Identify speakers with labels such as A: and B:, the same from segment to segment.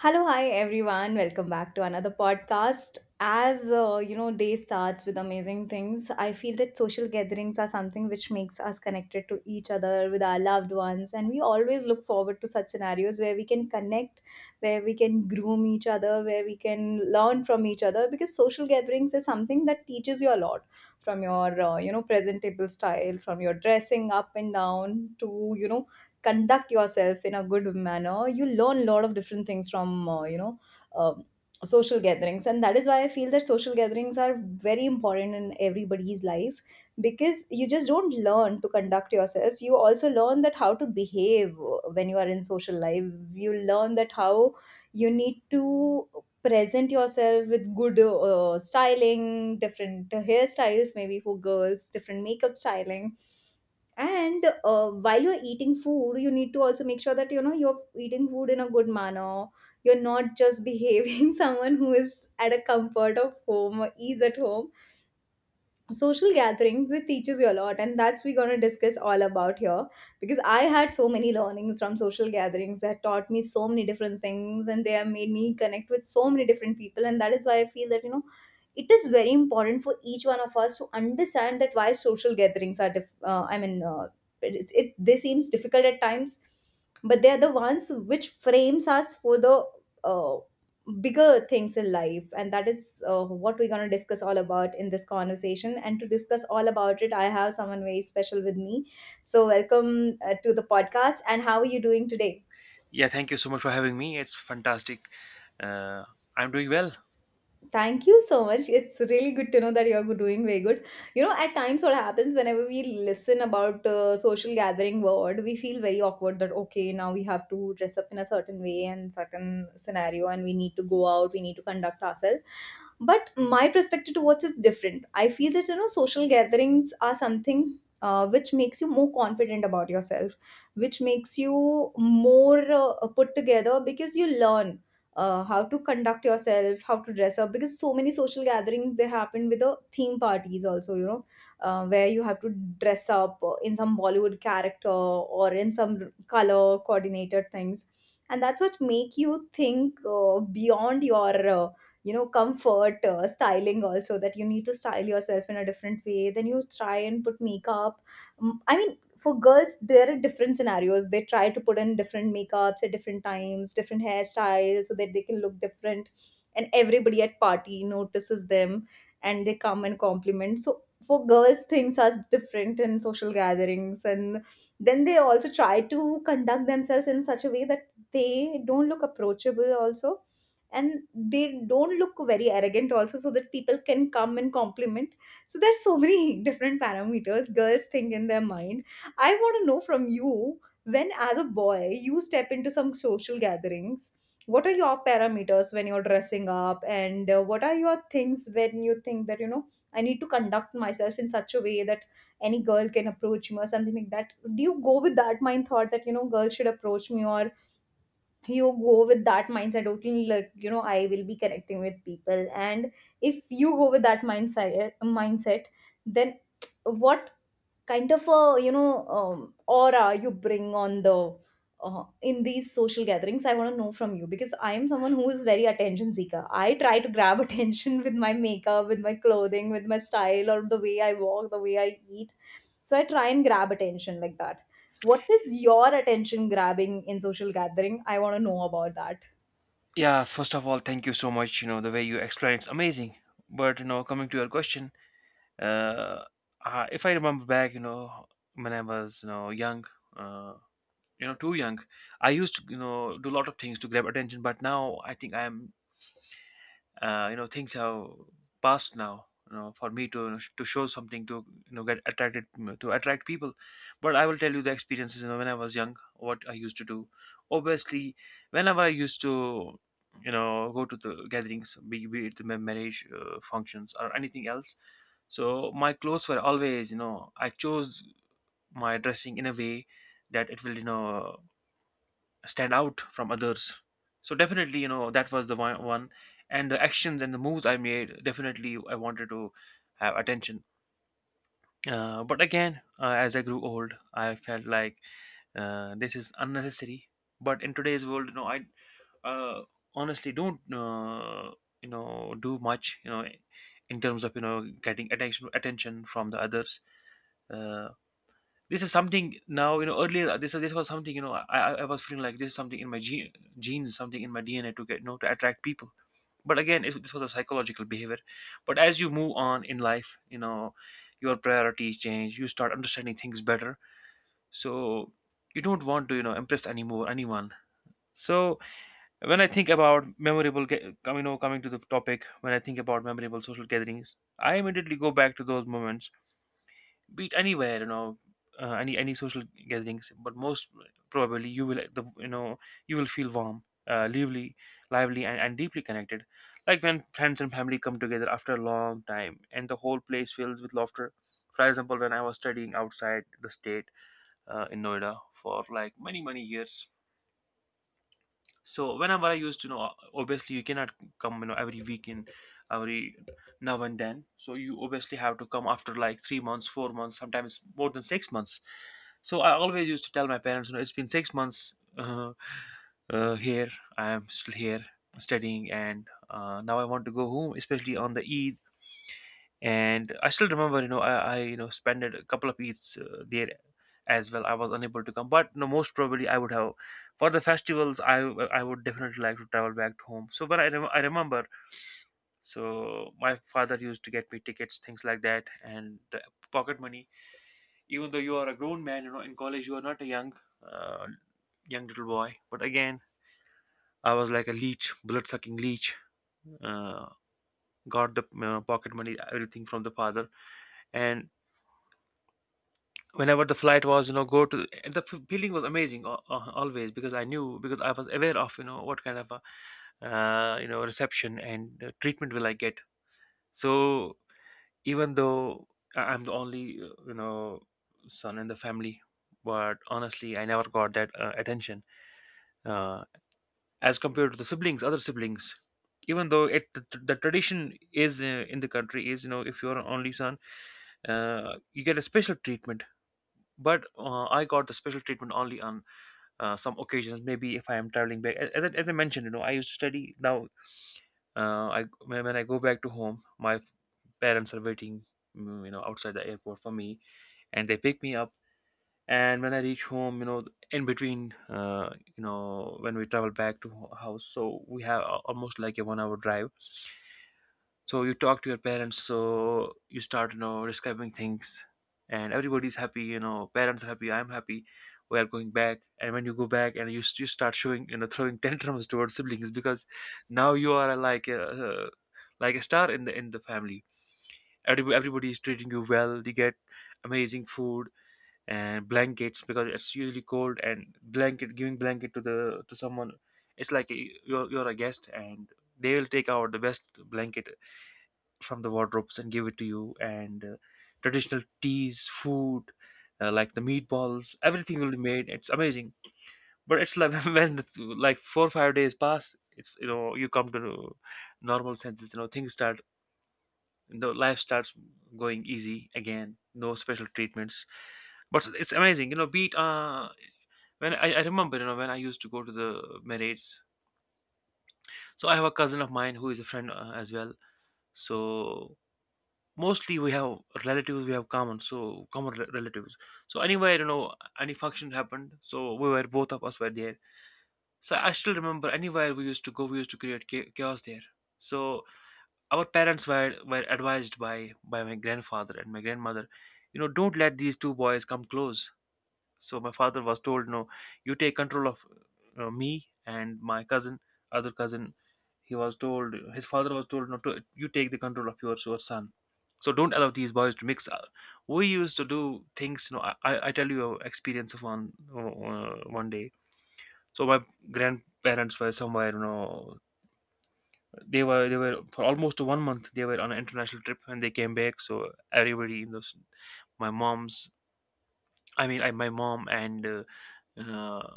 A: Hello, hi everyone. Welcome back to another podcast. Day starts with amazing things. I feel that social gatherings are something which makes us connected to each other with our loved ones, and we always look forward to such scenarios where we can connect, where we can groom each other, where we can learn from each other. Because social gatherings is something that teaches you a lot, from your you know presentable style, from your dressing up and down to you know conduct yourself in a good manner, you learn a lot of different things from um, social gatherings, and that is why I feel that social gatherings are very important in everybody's life, because you just don't learn to conduct yourself, you also learn that how to behave when you are in social life. You learn that how you need to present yourself with good styling, different hairstyles, maybe for girls different makeup styling. And while you're eating food, you need to also make sure that you know you're eating food in a good manner. You're not just behaving someone who is at a comfort of home or ease at home. Social gatherings, it teaches you a lot, and that's we're going to discuss all about here, because I had so many learnings from social gatherings that taught me so many different things, and they have made me connect with so many different people. And that is why I feel that you know it is very important for each one of us to understand that why social gatherings are it, they seems difficult at times, but they are the ones which frames us for the uh, bigger things in life. And that is what we're going to discuss all about in this conversation. And to discuss all about it, I have someone very special with me. So welcome to the podcast, and how are you doing today?
B: Yeah, thank you so much for having me. It's fantastic. Uh, I'm doing well.
A: Thank you so much. It's really good to know that you're doing very good. You know, at times what happens, whenever we listen about social gathering word, we feel very awkward that okay, now we have to dress up in a certain way and certain scenario, and we need to go out, we need to conduct ourselves. But my perspective towards is different. I feel that you know, social gatherings are something. Which makes you more confident about yourself, which makes you more put together, because you learn how to conduct yourself, how to dress up, because so many social gatherings they happen with the theme parties also, you know, where you have to dress up in some Bollywood character or in some color coordinated things, and that's what make you think beyond your you know comfort styling also, that you need to style yourself in a different way. Then you try and put makeup. I mean, for girls there are different scenarios, they try to put in different makeups at different times, different hairstyles, so that they can look different and everybody at party notices them and they come and compliment. So for girls things are different in social gatherings, and then they also try to conduct themselves in such a way that they don't look approachable also, and they don't look very arrogant also, so that people can come and compliment. So there's so many different parameters girls think in their mind. I want to know from you, when, as a boy, you step into some social gatherings, what are your parameters when you're dressing up, and what are your things when you think that, you know, I need to conduct myself in such a way that any girl can approach me or something like that? Do you go with that mind thought that, you know, girls should approach me, or you go with that mindset, okay, like, you know, I will be connecting with people? And if you go with that mindset, then what kind of a you know aura you bring on the uh, in these social gatherings? I want to know from you, because I am someone who is very attention seeker. I try to grab attention with my makeup, with my clothing, with my style, or the way I walk, the way I eat. So I try and grab attention like that. What is your attention grabbing in social gathering? I want to know about that.
B: Yeah, first of all, thank you so much. You know, the way you explained it's amazing. But, you know, coming to your question, uh, if I remember back, you know, when I was, you know, young, uh, you know, too young, I used to, you know, do a lot of things to grab attention. But now I think I'm you know things have passed now, you know, for me to, you know, to show something to, you know, get attracted to attract people. But I will tell you the experiences, you know, when I was young, what I used to do. Obviously whenever I used to, you know, go to the gatherings, be it the marriage functions or anything else. So my clothes were always, you know, I chose my dressing in a way that it will, you know, stand out from others. So definitely, you know, that was the one. And the actions and the moves I made. Definitely, I wanted to have attention. But again, as I grew old, I felt like this is unnecessary. But in today's world, you know, I uh, honestly don't, you know, do much, you know, in terms of, you know, getting attention from the others. Uh, this is something now, you know, earlier this was something, you know, I was feeling like this is something in my genes, something in my DNA to get, you know, to attract people. But again, this was a psychological behavior. But as you move on in life, you know, your priorities change. You start understanding things better. So you don't want to, you know, impress anymore anyone. So when I think about you know, coming to the topic, when I think about memorable social gatherings, I immediately go back to those moments, be it anywhere, you know, any social gatherings. But most probably you will you know, you will feel warm, uh, lively lively and deeply connected, like when friends and family come together after a long time and the whole place fills with laughter. For example, when I was studying outside the state, in Noida for like many years. So whenever I used to know, obviously you cannot come, you know, every weekend, every now and then. So you obviously have to come after like 3 months, 4 months, sometimes more than 6 months. So I always used to tell my parents, you know, it's been 6 months, here I am still here studying and now I want to go home, especially on the Eid. And I still remember, you know, I you know, spent a couple of eats there as well. I was unable to come, but no, most probably I would have for the festivals. I would definitely like to travel back to home. So when I I remember, so my father used to get me tickets, things like that, and the pocket money. Even though you are a grown man, you know, in college you are not a young, uh, young little boy. But again, I was like a leech, blood sucking leech. Uh, got the pocket money, everything from the father, and whenever the flight was, you know, go to, and the feeling was amazing, always, because I knew, because I was aware of, you know, what kind of a, you know, reception and treatment will I get. So even though I'm the only you know, son in the family, but honestly I never got that attention uh, as compared to the siblings, other siblings. Even though it the tradition is in the country is, you know, if you're an only son, you get a special treatment. But I got the special treatment only on some occasions, maybe if I am traveling back. As as I mentioned, you know, I used to study. Now I when I go back to home, my parents are waiting, you know, outside the airport for me, and they pick me up. And when I reach home, you know, in between, you know, when we travel back to house, so we have almost like a 1 hour drive. So you talk to your parents, so you start, you know, describing things, and everybody's happy, you know, parents are happy, I'm happy, we are going back. And when you go back and you you start showing, you know, throwing tantrums towards siblings, because now you are like like a star in the family. Everybody is treating you well, you get amazing food and blankets, because it's usually cold, and blanket giving blanket to the to someone, it's like a, you're a guest, and they will take out the best blanket from the wardrobes and give it to you, and traditional teas food, like the meatballs, everything will be made, it's amazing. But it's like when it's like 4 or 5 days pass, it's, you know, you come to normal senses, you know, things start, the life starts going easy again, no special treatments. But it's amazing, you know, beat when I remember, you know, when I used to go to the marriage. So I have a cousin of mine who is a friend as well. So mostly we have relatives we have common, so common relatives. So anywhere, you know, any function happened, so we were both of us were there. So I still remember anywhere we used to go, we used to create chaos there. So our parents were advised by my grandfather and my grandmother, you know, don't let these two boys come close. So my father was told, no, you take control of me and my cousin, other cousin. He was told, his father was told, no, to, you take the control of your son. So don't allow these boys to mix up. We used to do things, you know. I tell you a experience of one one day. So my grandparents were somewhere, you know, they were for almost 1 month. They were on an international trip and they came back. So everybody in those, my mom's, I mean, I, my mom and uh, uh,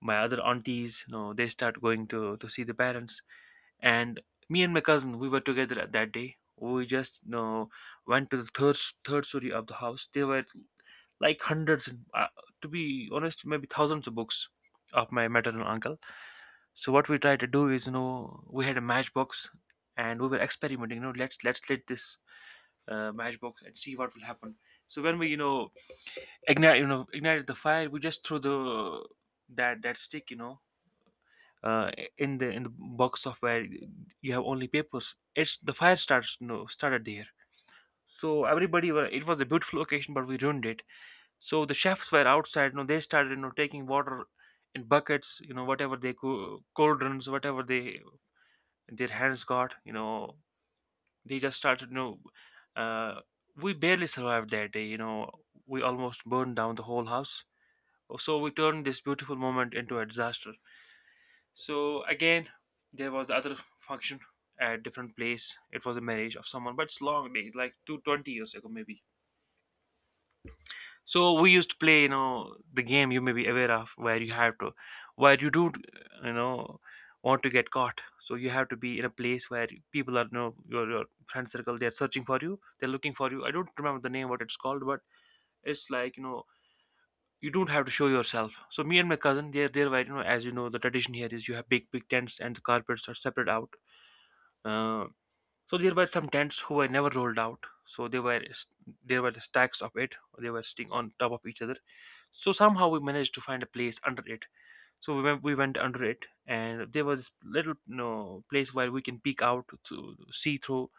B: my other aunties, you know, they start going to see the parents. And me and my cousin, we were together at that day. We just, you know, went to the third story of the house. There were like hundreds and to be honest maybe thousands of books of my maternal uncle. So what we tried to do is, you know, we had a matchbox and we were experimenting, you know, let's lit this matchbox and see what will happen. So when we, you know, ignite, you know, ignited the fire, we just threw the that stick, you know, uh, in the box of where you have only papers. It's the fire starts no started there. So everybody were, it was a beautiful occasion, but we ruined it. So the chefs were outside. You know, they started, you know, taking water in buckets. You know, whatever they cauldrons, whatever they their hands got. You know, they just started. You know, uh, we barely survived that day. You know, we almost burned down the whole house. So we turned this beautiful moment into a disaster. So again, there was the other function at different place. It was a marriage of someone, but it's long days, like two twenty years ago maybe. So we used to play, you know, the game you may be aware of, where you have to, where you don't, you know, want to get caught. So you have to be in a place where people are, you know, your friend circle, they're searching for you, they're looking for you. I don't remember the name what it's called, but it's like, you know. You don't have to show yourself. So me and my cousin, they're there, right? You know, as you know, the tradition here is you have big tents, and the carpets are separate out. Uh, so there were some tents who were never rolled out. So they were, there were the stacks of it. They were sitting on top of each other. So somehow we managed to find a place under it. So we went under it, and there was little, you know, place where we can peek out to see through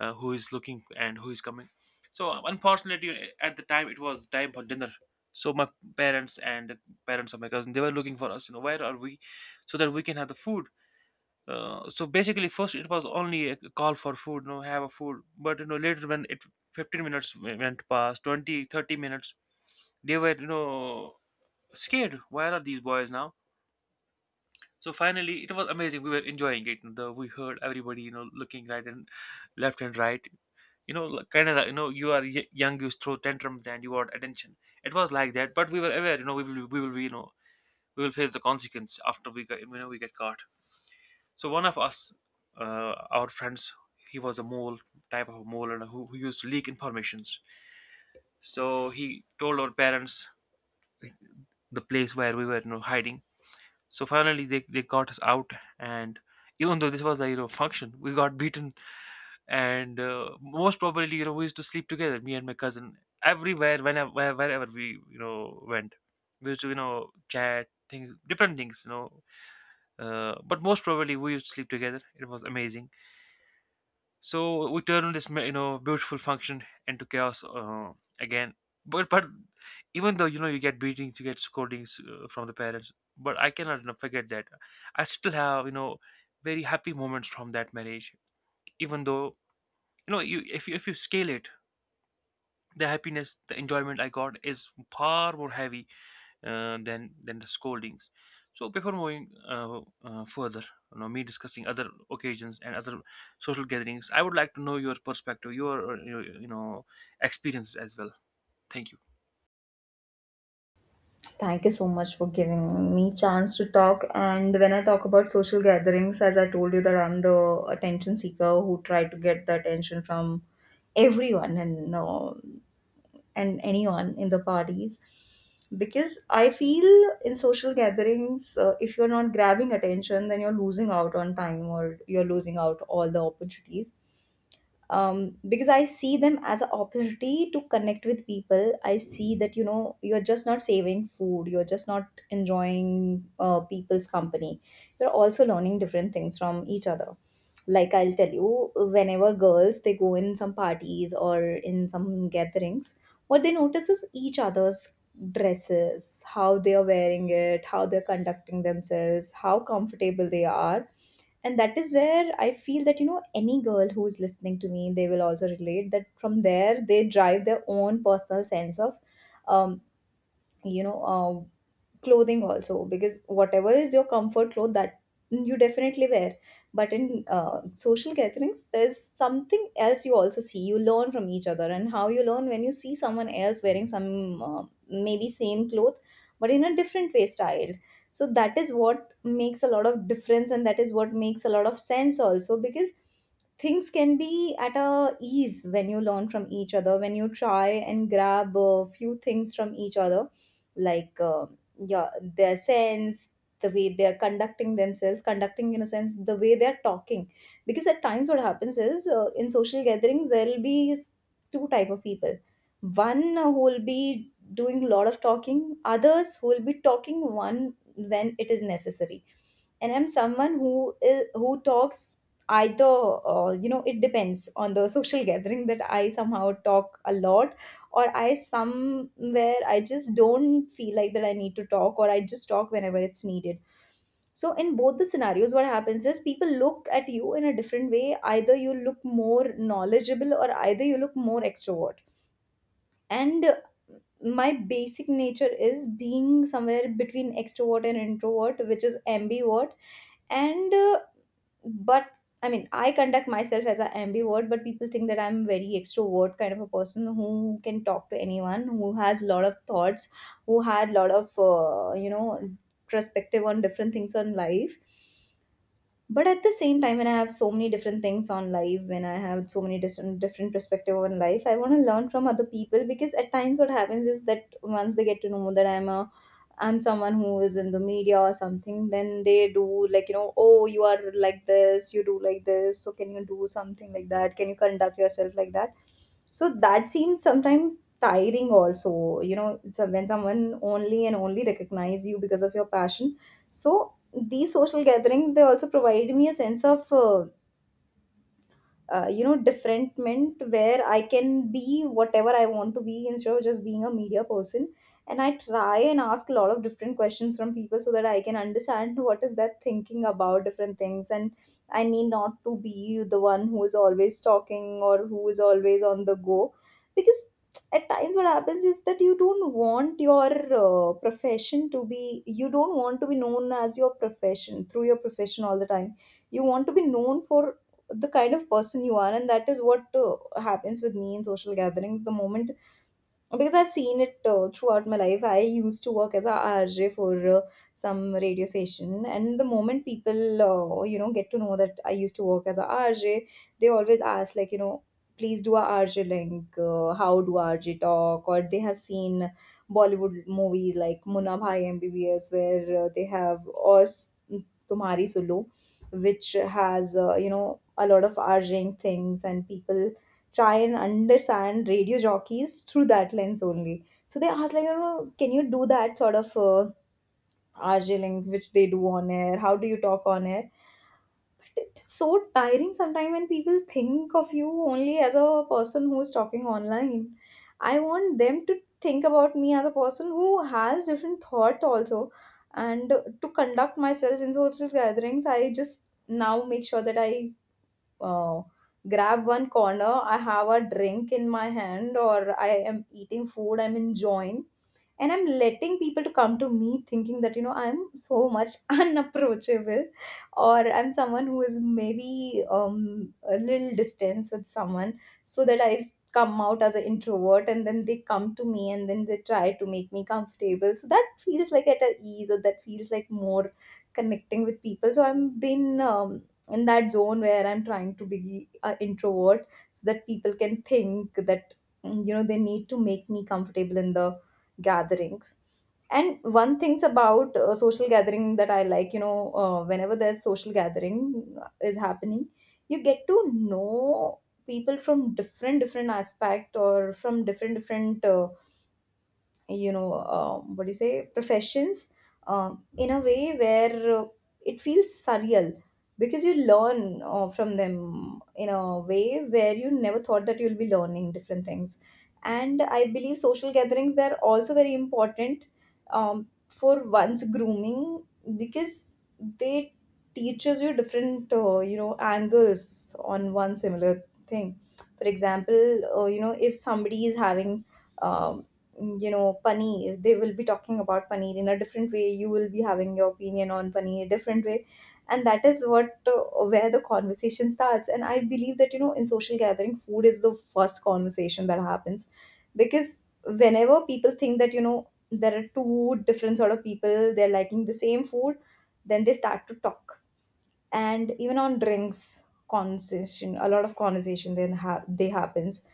B: who is looking and who is coming. Unfortunately, at the time it was time for dinner. So my parents and the parents of my cousin they were looking for us, you know, where are we, so that we can have the food. So basically, first it was only a call for food, you know, have a food. But you know, later when it 15 minutes went past, 20, 30 minutes, they were, you know, scared. Where are these boys now? So finally, it was amazing. We were enjoying it. We heard everybody, you know, looking right and left and right. You know, like, kind of like, you know, you are young, you throw tantrums and you want attention. It was like that, but we were aware. You know, we will be, you know, we will face the consequence after we get caught. So one of us, our friends, he was a mole, type of a mole, and who used to leak informations. So he told our parents the place where we were, you know, hiding. So finally, they got us out, and even though this was a, you know, function, we got beaten, and most probably, you know, we used to sleep together, me and my cousin, everywhere, whenever wherever we, you know, went, we used to, you know, chat things, different things, you know. But most probably we used to sleep together. It was amazing. So we turn this you know, beautiful function into chaos, again. But even though, you know, you get beatings, you get scoldings, from the parents, but I cannot, you know, forget that. I still have, you know, very happy moments from that marriage. Even though, you know, you if you scale it, the happiness, the enjoyment I got is far more heavy, than the scoldings. So before moving further, you know, me discussing other occasions and other social gatherings, I would like to know your perspective, your, you know, experiences as well. Thank you.
A: Thank you so much for giving me chance to talk. And when I talk about social gatherings, as I told you that I'm the attention seeker who try to get the attention from everyone and anyone in the parties, because I feel in social gatherings, if you're not grabbing attention, then you're losing out on time or you're losing out all the opportunities, because I see them as an opportunity to connect with people. I see that you know you're just not saving food, you're just not enjoying people's company. You're also learning different things from each other. Like I'll tell you, whenever girls they go in some parties or in some gatherings, what they notice is each other's dresses, how they are wearing it, how they're conducting themselves, how comfortable they are. And that is where I feel that, you know, any girl who's listening to me, they will also relate that from there they drive their own personal sense of, um, you know, uh, clothing also, because whatever is your comfort cloth that you definitely wear, but in social gatherings there's something else you also see. You learn from each other, and how you learn when you see someone else wearing some maybe same cloth but in a different way style. So that is what makes a lot of difference, and that is what makes a lot of sense also, because things can be at a ease when you learn from each other, when you try and grab a few things from each other, like yeah, their sense, the way they're conducting themselves, conducting in a sense the way they're talking. Because at times what happens is in social gatherings there will be two type of people, one who will be doing a lot of talking, others who will be talking one when it is necessary. And I'm someone who is who talks either, you know, it depends on the social gathering, that I somehow talk a lot, or I somewhere I just don't feel like that I need to talk, or I just talk whenever it's needed. So in both the scenarios, what happens is people look at you in a different way, either you look more knowledgeable or either you look more extrovert. And my basic nature is being somewhere between extrovert and introvert, which is ambivert. And uh, but I mean, I conduct myself as an ambivert, but people think that I'm very extrovert kind of a person who can talk to anyone, who has a lot of thoughts, who had a lot of you know perspective on different things on life. But at the same time, when I have so many different things on life, when I have so many different perspective on life, I want to learn from other people. Because at times what happens is that once they get to know that I'm someone who is in the media or something, then they do like, you know, oh, you are like this, you do like this, so can you do something like that? Can you conduct yourself like that? So that seems sometimes tiring also, you know, so when someone only and only recognize you because of your passion. So these social gatherings, they also provide me a sense of you know differentment, where I can be whatever I want to be instead of just being a media person. And I try and ask a lot of different questions from people so that I can understand what is that thinking about different things. And I need not to be the one who is always talking or who is always on the go, because at times what happens is that you don't want your profession to be, you don't want to be known as your profession through your profession all the time. You want to be known for the kind of person you are. And that is what happens with me in social gatherings, the moment, because I've seen it throughout my life. I used to work as a RJ for some radio station, and the moment people you know get to know that I used to work as a RJ, they always ask like you know please do a RJ link. How do RJ talk? Or they have seen Bollywood movies like Munna Bhai MBBS where they have, or Tumhari Sulu, which has a lot of RJing things, and people try and understand radio jockeys through that lens only. So they ask like, can you do that sort of R J link which they do on air? How do you talk on air? It's so tiring sometimes when people think of you only as a person who is talking online. I want them to think about me as a person who has different thought also, and to conduct myself in social gatherings. I just now make sure that I uh, grab one corner, I have a drink in my hand, or I am eating food, I'm enjoying, and I'm letting people to come to me, thinking that I'm so much unapproachable, or I'm someone who is maybe a little distance with someone, so that I come out as an introvert, and then they come to me, and then they try to make me comfortable, so that feels like at a ease, or that feels like more connecting with people. So I've been in that zone where I'm trying to be an introvert, so that people can think that, they need to make me comfortable in the gatherings. And one thing's about social gathering that I like, whenever there's social gathering is happening, you get to know people from different different aspect, or from different different what do you say, professions, in a way where it feels surreal, because you learn from them in a way where you never thought that you'll be learning different things. And I believe social gatherings, they're also very important for one's grooming, because they teaches you different angles on one similar thing. For example, if somebody is having um, paneer, they will be talking about paneer in a different way, you will be having your opinion on paneer different way. And that is what where the conversation starts. And I believe that, in social gathering, food is the first conversation that happens, because whenever people think that, there are two different sort of people, they're liking the same food, then they start to talk. And even on drinks conversation, a lot of conversation then they happens.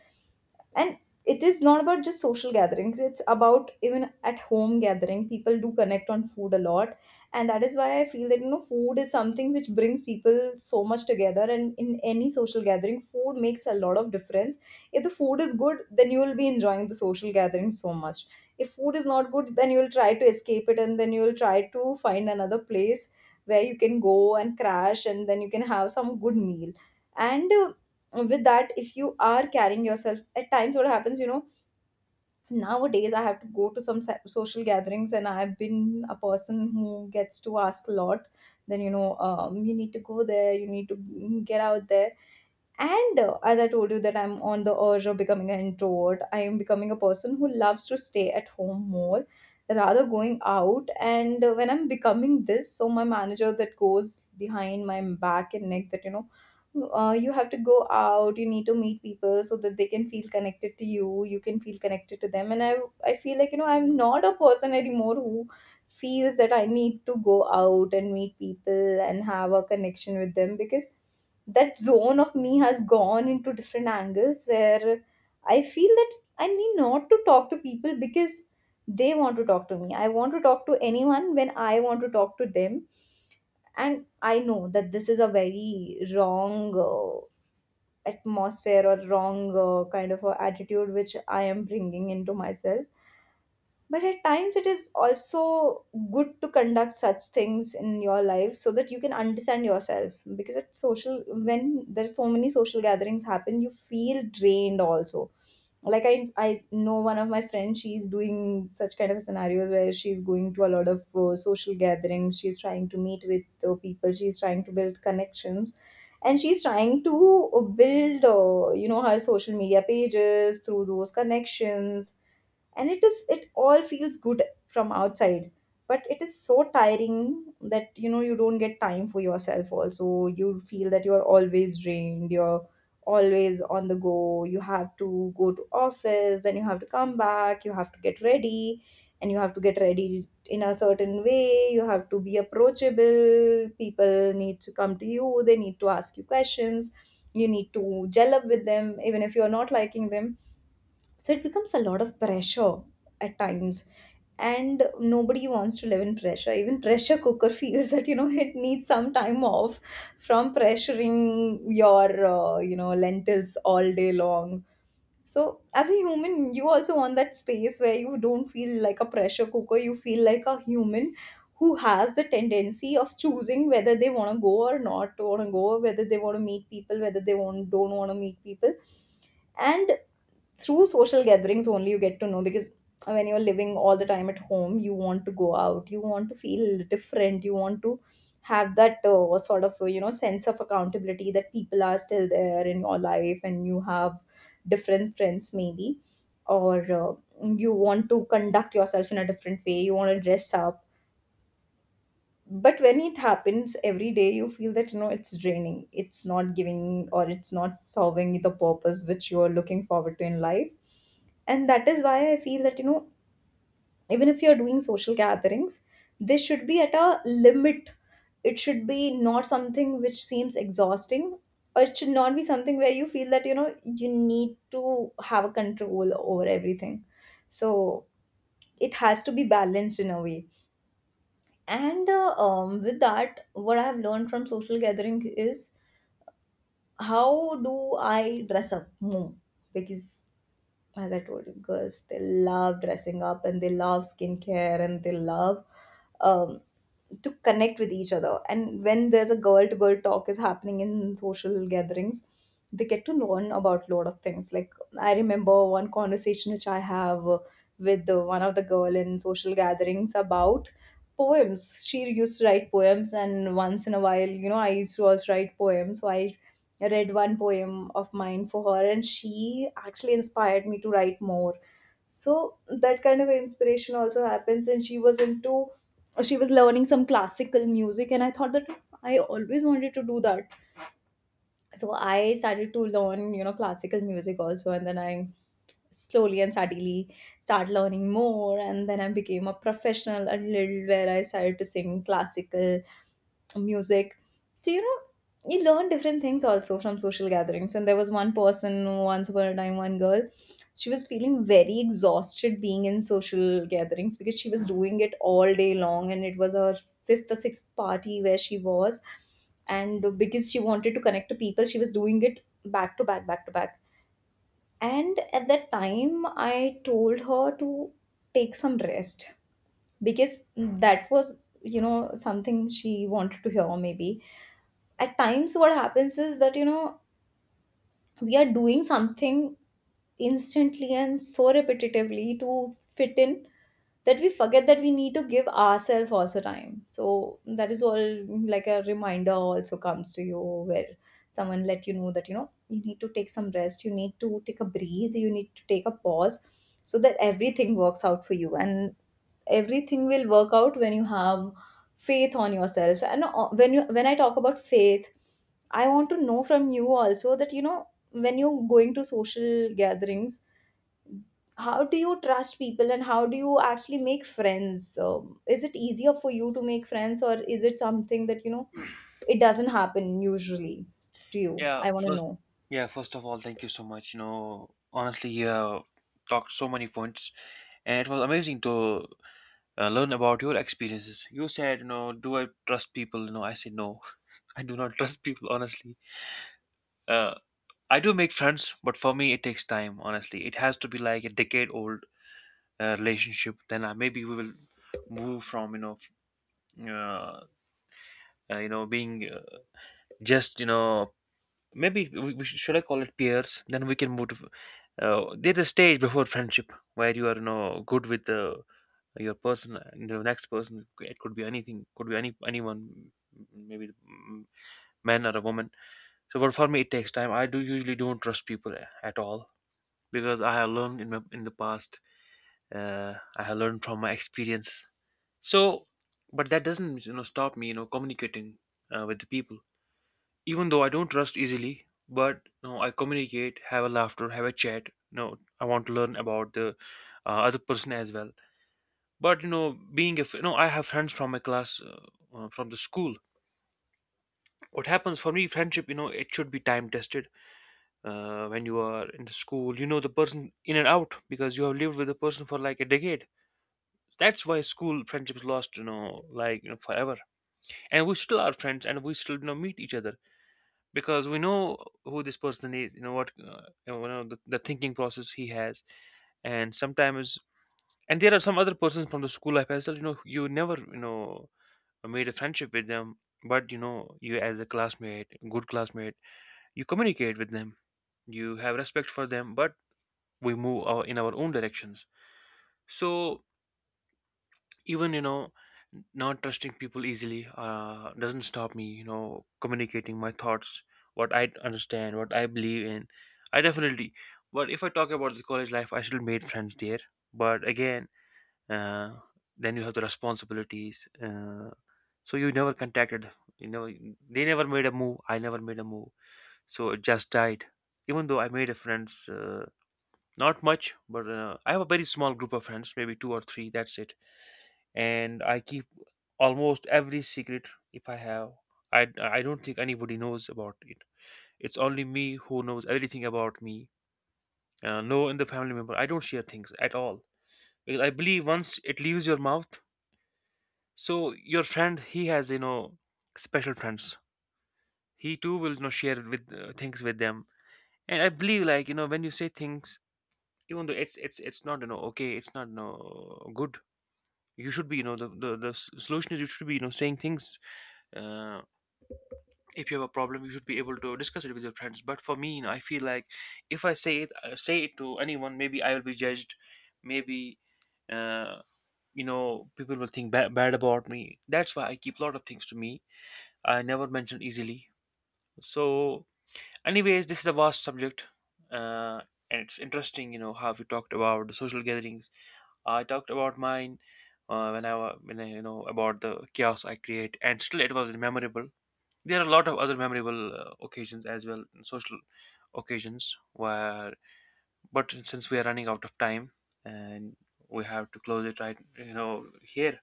A: And it is not about just social gatherings, it's about even at home gathering, people do connect on food a lot. And that is why I feel that, food is something which brings people so much together, and in any social gathering, food makes a lot of difference. If the food is good, then you will be enjoying the social gathering so much. If food is not good, then you will try to escape it, and then you will try to find another place where you can go and crash, and then you can have some good meal. And with that, if you are carrying yourself, at times what happens, nowadays I have to go to some social gatherings, and I've been a person who gets to ask a lot. Then, you need to go there, you need to get out there. And as I told you, that I'm on the urge of becoming an introvert, I am becoming a person who loves to stay at home more, rather going out. And when I'm becoming this, so my manager that goes behind my back and neck that, you have to go out, you need to meet people, so that they can feel connected to you, you can feel connected to them. And I feel like, I'm not a person anymore who feels that I need to go out and meet people and have a connection with them, because that zone of me has gone into different angles where I feel that I need not to talk to people, because they want to talk to me. I want to talk to anyone when I want to talk to them. And I know that this is a very wrong atmosphere, or wrong kind of a attitude which I am bringing into myself. But at times, it is also good to conduct such things in your life so that you can understand yourself. Because at social, when there's so many social gatherings happen, you feel drained also. Like I know one of my friends, she's doing such kind of scenarios where she's going to a lot of social gatherings. She's trying to meet with people. She's trying to build connections, and she's trying to build, her social media pages through those connections. And it all feels good from outside, but it is so tiring that, you don't get time for yourself also. You feel that you're always drained, you're always on the go. You have to go to office, then you have to come back, you have to get ready, and you have to get ready in a certain way. You have to be approachable, people need to come to you, they need to ask you questions, you need to gel up with them even if you're not liking them. So it becomes a lot of pressure at times. And nobody wants to live in pressure. Even pressure cooker feels that, you know, it needs some time off from pressuring your, lentils all day long. So as a human, you also want that space where you don't feel like a pressure cooker. You feel like a human who has the tendency of choosing whether they want to go or not want to go, whether they want to meet people, whether they want don't want to meet people. And through social gatherings only you get to know, because when you're living all the time at home, you want to go out, you want to feel different, you want to have that sort of, sense of accountability that people are still there in your life, and you have different friends maybe, or you want to conduct yourself in a different way, you want to dress up. But when it happens every day, you feel that, it's draining, it's not giving, or it's not solving the purpose which you are looking forward to in life. And that is why I feel that, even if you're doing social gatherings, they should be at a limit. It should be not something which seems exhausting, or it should not be something where you feel that, you need to have a control over everything. So it has to be balanced in a way. And with that, what I've learned from social gathering is, how do I dress up more? Because as I told you, girls they love dressing up, and they love skincare, and they love um, to connect with each other. And when there's a girl to girl talk is happening in social gatherings, they get to learn about a lot of things. Like I remember one conversation which I have with the, one of the girl in social gatherings, about poems. She used to write poems, and once in a while, I used to also write poems. So I read one poem of mine for her, and she actually inspired me to write more. So that kind of inspiration also happens. And she was into, she was learning some classical music, and I thought that I always wanted to do that. So I started to learn, you know, classical music also, and then I slowly and steadily start learning more, and then I became a professional a little, where I started to sing classical music. So, you know, you learn different things also from social gatherings. And there was one person, once upon a time, one girl, she was feeling very exhausted being in social gatherings because she was doing it all day long. And it was her fifth or sixth party where she was. And because she wanted to connect to people, she was doing it back to back, back to back. And at that time, I told her to take some rest, because that was, you know, something she wanted to hear maybe. At times, what happens is that, we are doing something instantly and so repetitively to fit in, that we forget that we need to give ourselves also time. So that is all like a reminder also comes to you, where someone let you know that, you need to take some rest, you need to take a breathe, you need to take a pause, so that everything works out for you. And everything will work out when you have faith on yourself. And when you, when I talk about faith, I want to know from you also that, you know, when you're going to social gatherings, how do you trust people and how do you actually make friends? Is it easier for you to make friends, or is it something that, you know, it doesn't happen usually to you?
B: Yeah,
A: I want to
B: first,
A: know.
B: yeah, first of all, thank you so much. You know, honestly, you have talked so many points, and it was amazing to learn about your experiences. You said, you know, do I trust people? You know, I said no, I do not trust people honestly. Uh, I do make friends, but for me, it takes time. Honestly, it has to be like a decade old relationship. Then I, maybe we will move from, you know, f- uh, you know, being, just, you know, maybe should I call it peers? Then we can move to, there's a stage before friendship where you are, you know, good with the your person and the next person. It could be anything. Could be anyone. Maybe mm, man or a woman. So, but for me, it takes time. I do usually don't trust people at all because I have learned in in the past, I have learned from my experiences. So, but that doesn't, you know, stop me, you know, communicating, with the people. Even though I don't trust easily, but you know, I communicate, have a laughter, have a chat. You know, I want to learn about the other person as well. But you know, being, if you know, I have friends from my class. From the school, what happens for me, friendship, you know, it should be time tested, when you are in the school, you know the person in and out because you have lived with the person for like a decade. That's why school friendships lost, you know, like, you know, forever. And we still are friends, and we still, you know, meet each other because we know who this person is. You know what, you know the thinking process he has, and sometimes, and there are some other persons from the school life as well. You know, you never, you know, made a friendship with them, but you know, you as a classmate, good classmate, you communicate with them, you have respect for them, but we move in our own directions. So even, you know, not trusting people easily, doesn't stop me, you know, communicating my thoughts, what I understand, what I believe in, I definitely. But if I talk about the college life, I still made friends there, but again, uh, then you have the responsibilities, so you never contacted, you know, they never made a move, I never made a move, so it just died. Even though I made a friends, not much, but I have a very small group of friends, maybe two or three, that's it. And I keep almost every secret if I have. I don't think anybody knows about it. It's only me who knows everything about me. No, in the family member, I don't share things at all because I believe once it leaves your mouth, so your friend, he has, you know, special friends. He too will, you know, share with, things with them, and I believe, like, you know, when you say things, even though it's not, you know, okay, it's not, you know, good. You should be, you know, the, the solution is you should be, you know, saying things, uh, if you have a problem you should be able to discuss it with your friends. But for me, you know, I feel like if I say it, say it to anyone, maybe I will be judged, maybe, uh, you know, people will think bad about me. That's why I keep a lot of things to me, I never mention easily. So anyways, this is a vast subject, uh, and it's interesting, you know, how we talked about the social gatherings. I talked about mine, when I when I, you know, about the chaos I create and still it was memorable. There are a lot of other memorable occasions as well, social occasions, where, but since we are running out of time and we have to close it right, you know, here.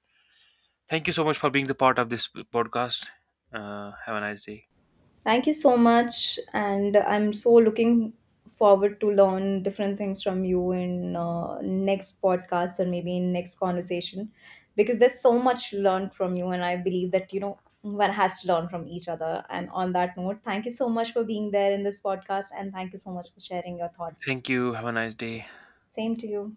B: Thank you so much for being the part of this podcast. Have a nice day.
A: Thank you so much, and I'm so looking forward to learn different things from you in next podcast or maybe in next conversation, because there's so much learned from you, and I believe that, one has to learn from each other. And on that note, thank you so much for being there in this podcast, and thank you so much for sharing your thoughts.
B: Thank you. Have a nice day.
A: Same to you.